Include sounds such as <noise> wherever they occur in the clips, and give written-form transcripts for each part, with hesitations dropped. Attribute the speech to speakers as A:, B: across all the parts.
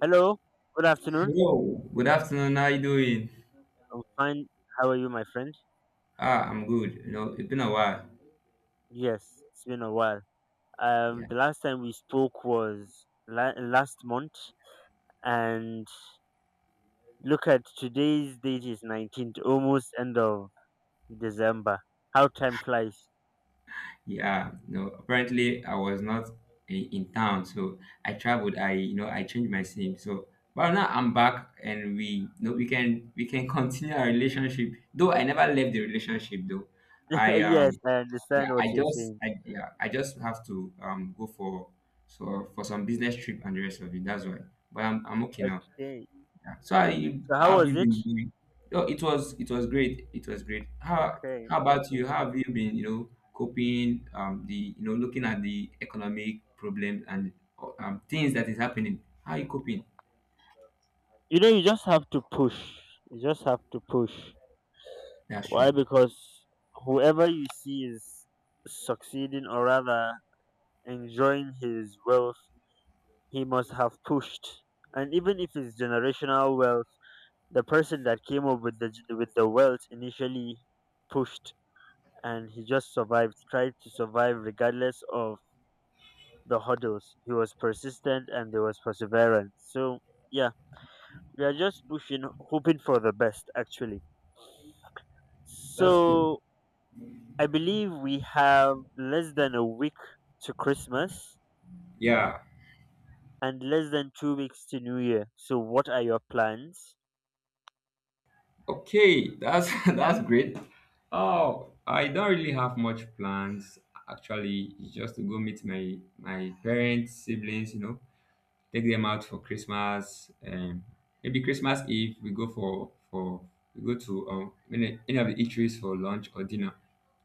A: Hello, good afternoon.
B: Hello, good afternoon. How you doing?
A: I'm fine. How are you, my friend?
B: Ah, I'm good. It's been a while.
A: Yes, it's been a while.
B: Yeah,
A: The last time we spoke was last month, and look at today's date is 19th, almost end of December. How time flies.
B: yeah. No, apparently I was not in town, so I traveled. I changed my sim. So, but now I'm back, and we, you know, we can <laughs> continue our relationship. Though I never left the relationship, though.
A: <laughs>
B: I
A: Yes, I
B: yeah,
A: understand what
B: I
A: you're
B: just,
A: saying.
B: I yeah, I just have to go for some business trip and the rest of it. That's why. But I'm okay now.
A: Okay.
B: So how you
A: So how
B: how have
A: was
B: you
A: it?
B: been doing? Oh, it was great. It was great. How
A: Okay,
B: how about
A: okay.
B: you? How have you been, coping the you know looking at the economic problems and things that is happening? How are you coping?
A: You know, you just have to push. You just have to push.
B: That's
A: Why?
B: true.
A: Because whoever you see is succeeding, or rather enjoying his wealth, he must have pushed. And even if it's generational wealth, the person that came up with the wealth initially pushed, and he just survived, tried to survive regardless of the hurdles. He was persistent and there was perseverance. So yeah, we are just pushing, hoping for the best actually.
B: That's cool.
A: So I believe we have less than a week to Christmas
B: Yeah.
A: and less than 2 weeks to New Year. So what are your plans?
B: Okay. That's <laughs> that's great. Oh, I don't really have much plans actually. It's just to go meet my parents, siblings, take them out for Christmas. Maybe Christmas Eve we go for we go to any of the eateries for lunch or dinner.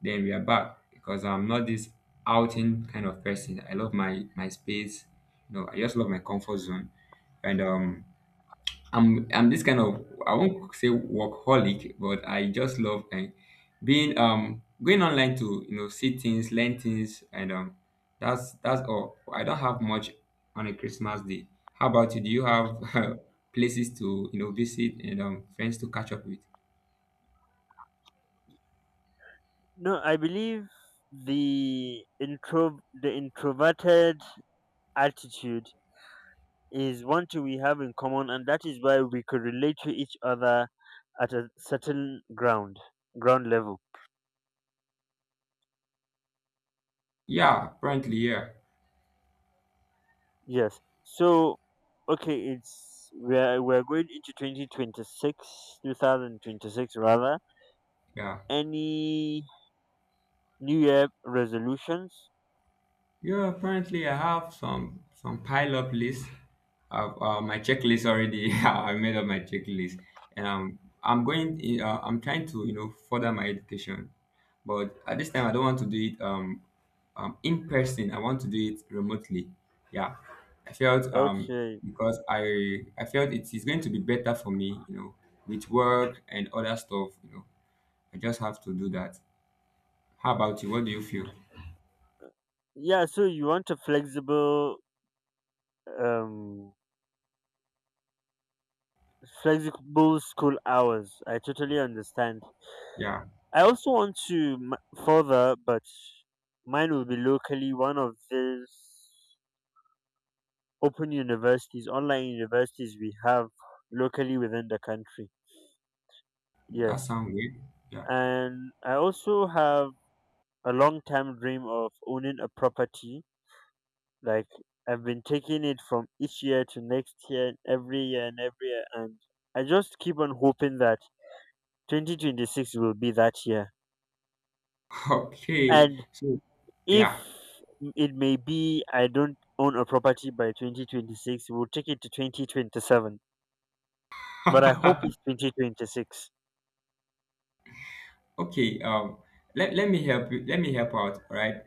B: Then we are back because I'm not this outing kind of person. I love my space. I just love my comfort zone, and I'm this kind of I won't say workaholic, but I just love being going online to see things, learn things, and that's all. I don't have much on a Christmas day. How about you? Do you have <laughs> places to visit and friends to catch up with?
A: No, I believe the introverted attitude is one thing we have in common, and that is why we could relate to each other at a certain ground level.
B: Yeah, apparently yeah
A: Yes. So, okay, it's we're going into 2026, 2026 rather.
B: yeah.
A: Any New Year resolutions?
B: Yeah, apparently I have some pile up list. I've, my checklist already. <laughs> I made up my checklist, and I'm going. I'm trying to further my education, but at this time I don't want to do it in person. I want to do it remotely. Yeah, I felt
A: Okay.
B: because I felt it is going to be better for me. With work and other stuff. I just have to do that. How about you? What do you feel?
A: Yeah. So you want a flexible um flexible school hours. I totally understand.
B: Yeah,
A: I also want to further, but mine will be locally one of these open universities, online universities we have locally within the country.
B: that
A: Yes.
B: sounds good. Yeah.
A: And I also have a long time dream of owning a property. Like, I've been taking it from each year to next year and every year and every year. And I just keep on hoping that 2026 will be that year.
B: <laughs> Okay.
A: And
B: So
A: if
B: yeah.
A: it may be I don't own a property by 2026, we'll take it to 2027. But I hope it's
B: <laughs>
A: 2026.
B: Okay. Let me help you. Let me help out. All right.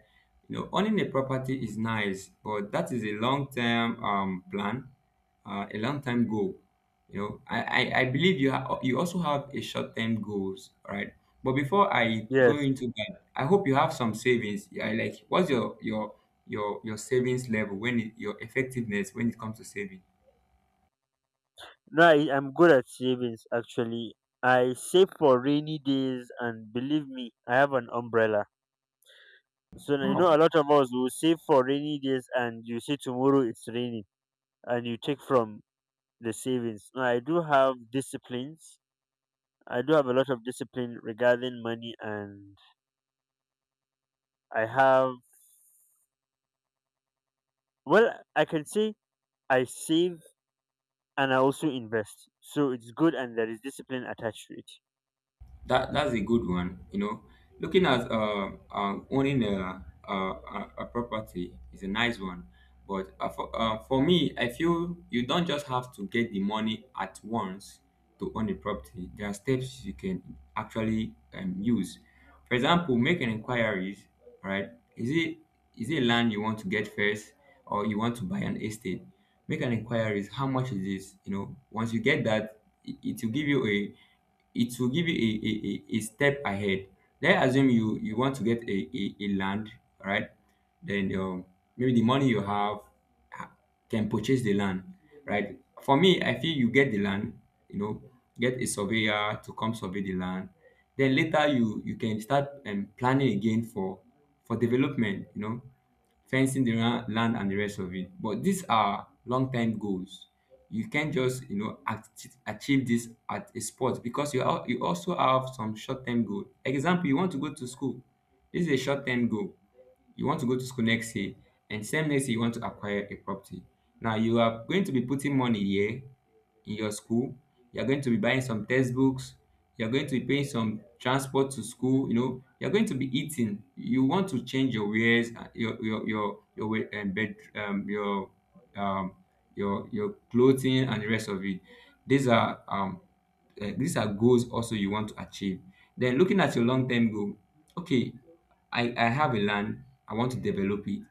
B: Owning a property is nice, but that is a long term plan, a long time goal. I believe you also have a short term goals. All right. But before I go
A: Yes.
B: into that, I hope you have some savings. Yeah, like what's your savings level your effectiveness when it comes to saving?
A: No, I'm good at savings actually. I save for rainy days, and believe me, I have an umbrella. So I know a
B: Wow.
A: lot of us will save for rainy days, and you say tomorrow it's raining, and you take from the savings. No, I do have disciplines. I do have a lot of discipline regarding money, and I have, well, I can say I save and I also invest. So it's good and there is discipline attached to it.
B: That's a good one. Looking at owning a property is a nice one. But for me, I feel you don't just have to get the money at once to own a property. There are steps you can actually use. For example, make an inquiries, right? Is it land you want to get first or you want to buy an estate? Make an inquiries, how much is this? Once you get that, it will give you a it will give you a step ahead. Let's assume you want to get a land, right? Then maybe the money you have ha- can purchase the land, right? For me, I feel you get the land, you know, get a surveyor to come survey the land. Then later you can start planning again for development, fencing the land and the rest of it. But these are long-term goals. You can't just achieve this at a spot because you also have some short-term goal. Example, you want to go to school. This is a short-term goal. You want to go to school next year, and same next year you want to acquire a property. Now you are going to be putting money here in your school, you're going to be buying some textbooks, you're going to be paying some transport to school, you're going to be eating, you want to change your wares, your way and bed your um clothing and the rest of it. These are these are goals also you want to achieve. Then looking at your long-term goal, okay, I have a land, I want to develop it.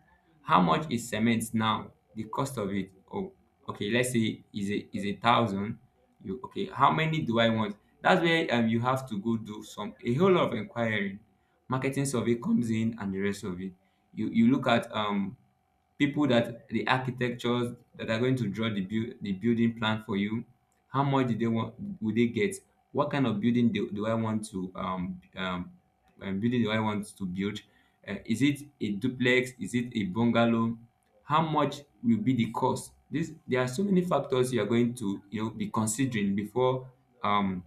B: How much is cement now? The cost of it. Oh, okay, let's say is a thousand. You okay, how many do I want? That's where you have to go do some a whole lot of inquiring. Marketing survey comes in and the rest of it. You look at people that the architectures that are going to draw the building plan for you. How much do they want? Would they get what kind of building do I want to building do I want to build? Is it a duplex? Is it a bungalow? How much will be the cost? This There are so many factors you are going to be considering before um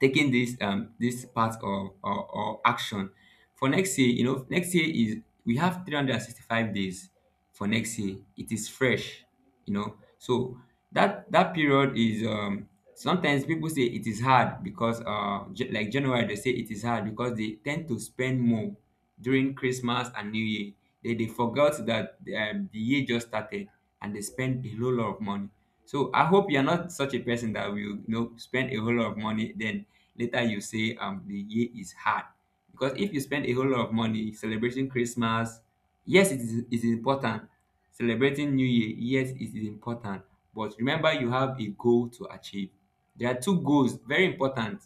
B: taking this part or action for next year. Next year is, we have 365 days for next year. It is fresh, so that period is, sometimes people say it is hard because January they say it is hard because they tend to spend more during Christmas and New Year. They forgot that the year just started, and they spend a whole lot of money. So I hope you're not such a person that will spend a whole lot of money, then later you say the year is hard. Because if you spend a whole lot of money celebrating Christmas, yes it is important. Celebrating New Year, yes it is important. But remember you have a goal to achieve. There are two goals very important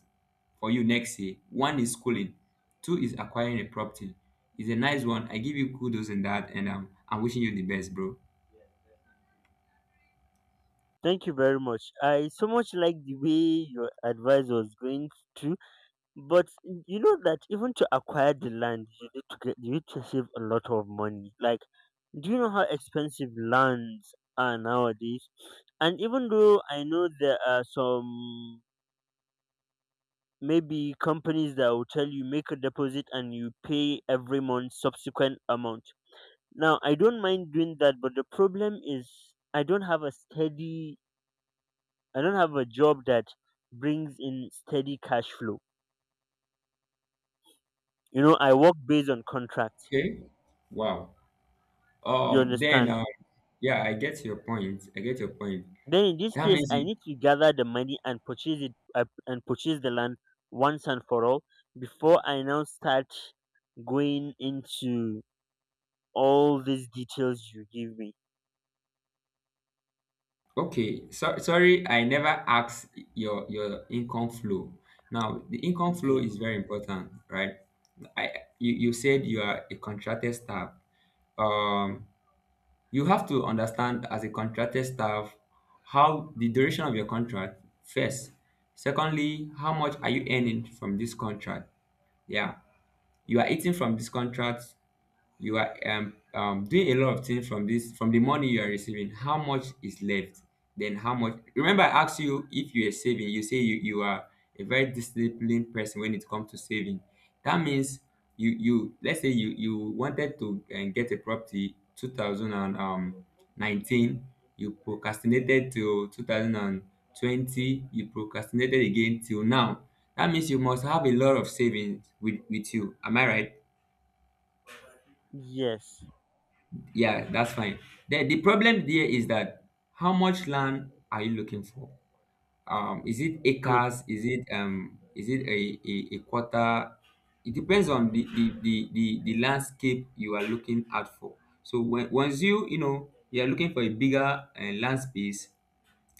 B: for you next year. One is schooling, two is acquiring a property. It's a nice one. I give you kudos in that and I'm wishing you the best, bro.
A: Thank you very much. I so much like the way your advice was going to, but you know that even to acquire the land, you need to save a lot of money. Like, do you know how expensive lands are nowadays? And even though I know there are some maybe companies that will tell you make a deposit and you pay every month subsequent amount. Now I don't mind doing that, but the problem is I don't have a job that brings in steady cash flow. You know, I work based on contracts.
B: Okay. Wow.
A: You
B: Then,
A: understand?
B: yeah, I get your point. I get your point.
A: Then in this
B: That
A: case
B: means
A: I
B: you,
A: need to gather the money and purchase the land once and for all before I now start going into all these details you give me.
B: okay. So, sorry, I never asked your income flow. Now, the income flow
A: Ye-
B: is very important, right? I you said you are a contracted staff. Um, you have to understand as a contracted staff how the duration of your contract first. Secondly, how much are you earning from this contract? Yeah, you are eating from this contract. You are doing a lot of things from the money you are receiving. How much is left? Then how much remember I asked you if you are saving, you say you are a very disciplined person when it comes to saving. That means you let's say you wanted to get a property 2019. You procrastinated till 2020. You procrastinated again till now. That means you must have a lot of savings with you. Am I right?
A: Yes,
B: Yeah, that's fine. The problem there is that how much land are you looking for? Is it
A: good.
B: acres? Is it a quarter? It depends on the landscape you are looking out for. So when once you are looking for a bigger land space,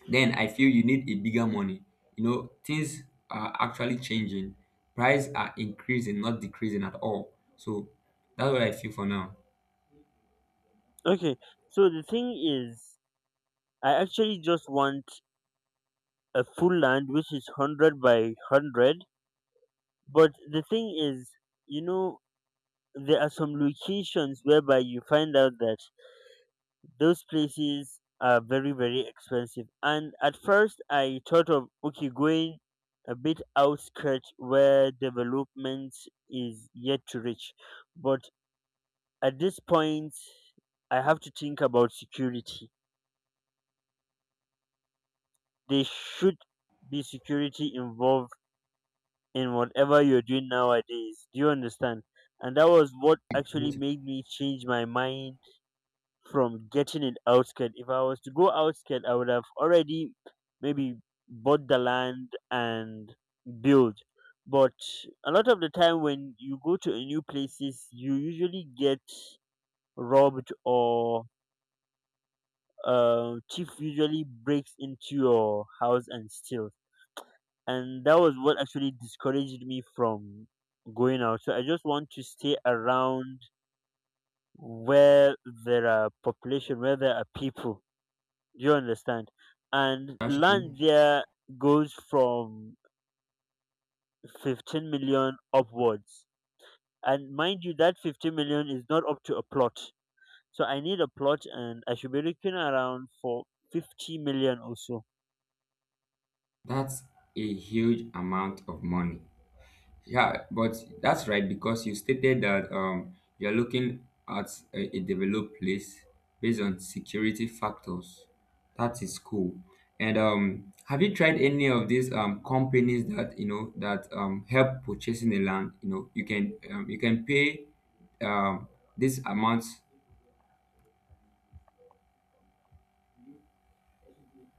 B: then I feel you need a bigger money. Things are actually changing. Price are increasing, not decreasing at all. So that's what I feel for now.
A: Okay, so the thing is, I actually just want a full land which is 100 by 100, but the thing is, you know, there are some locations whereby you find out that those places are very very expensive. And at first I thought of okay going a bit outskirt where development is yet to reach, but at this point I have to think about security. There should be security involved in whatever you're doing nowadays. Do you understand? And that was what actually
B: Yes,
A: made me change my mind from getting an outskirt. If I was to go outskirt, I would have already maybe bought the land and build. But a lot of the time, when you go to a new places, you usually get robbed or thief usually breaks into your house and steals, and that was what actually discouraged me from going out. So I just want to stay around where there are population, where there are people. Do you understand? And
B: that's
A: land
B: true.
A: there goes from 15 million upwards, and mind you that 15 million is not up to a plot. So I need a plot and I should be looking around for 50 million or so.
B: That's a huge amount of money. Yeah, but that's right because you stated that you're looking at a developed place based on security factors. That is cool. And have you tried any of these companies that you know that help purchasing the land? You can pay um, this amount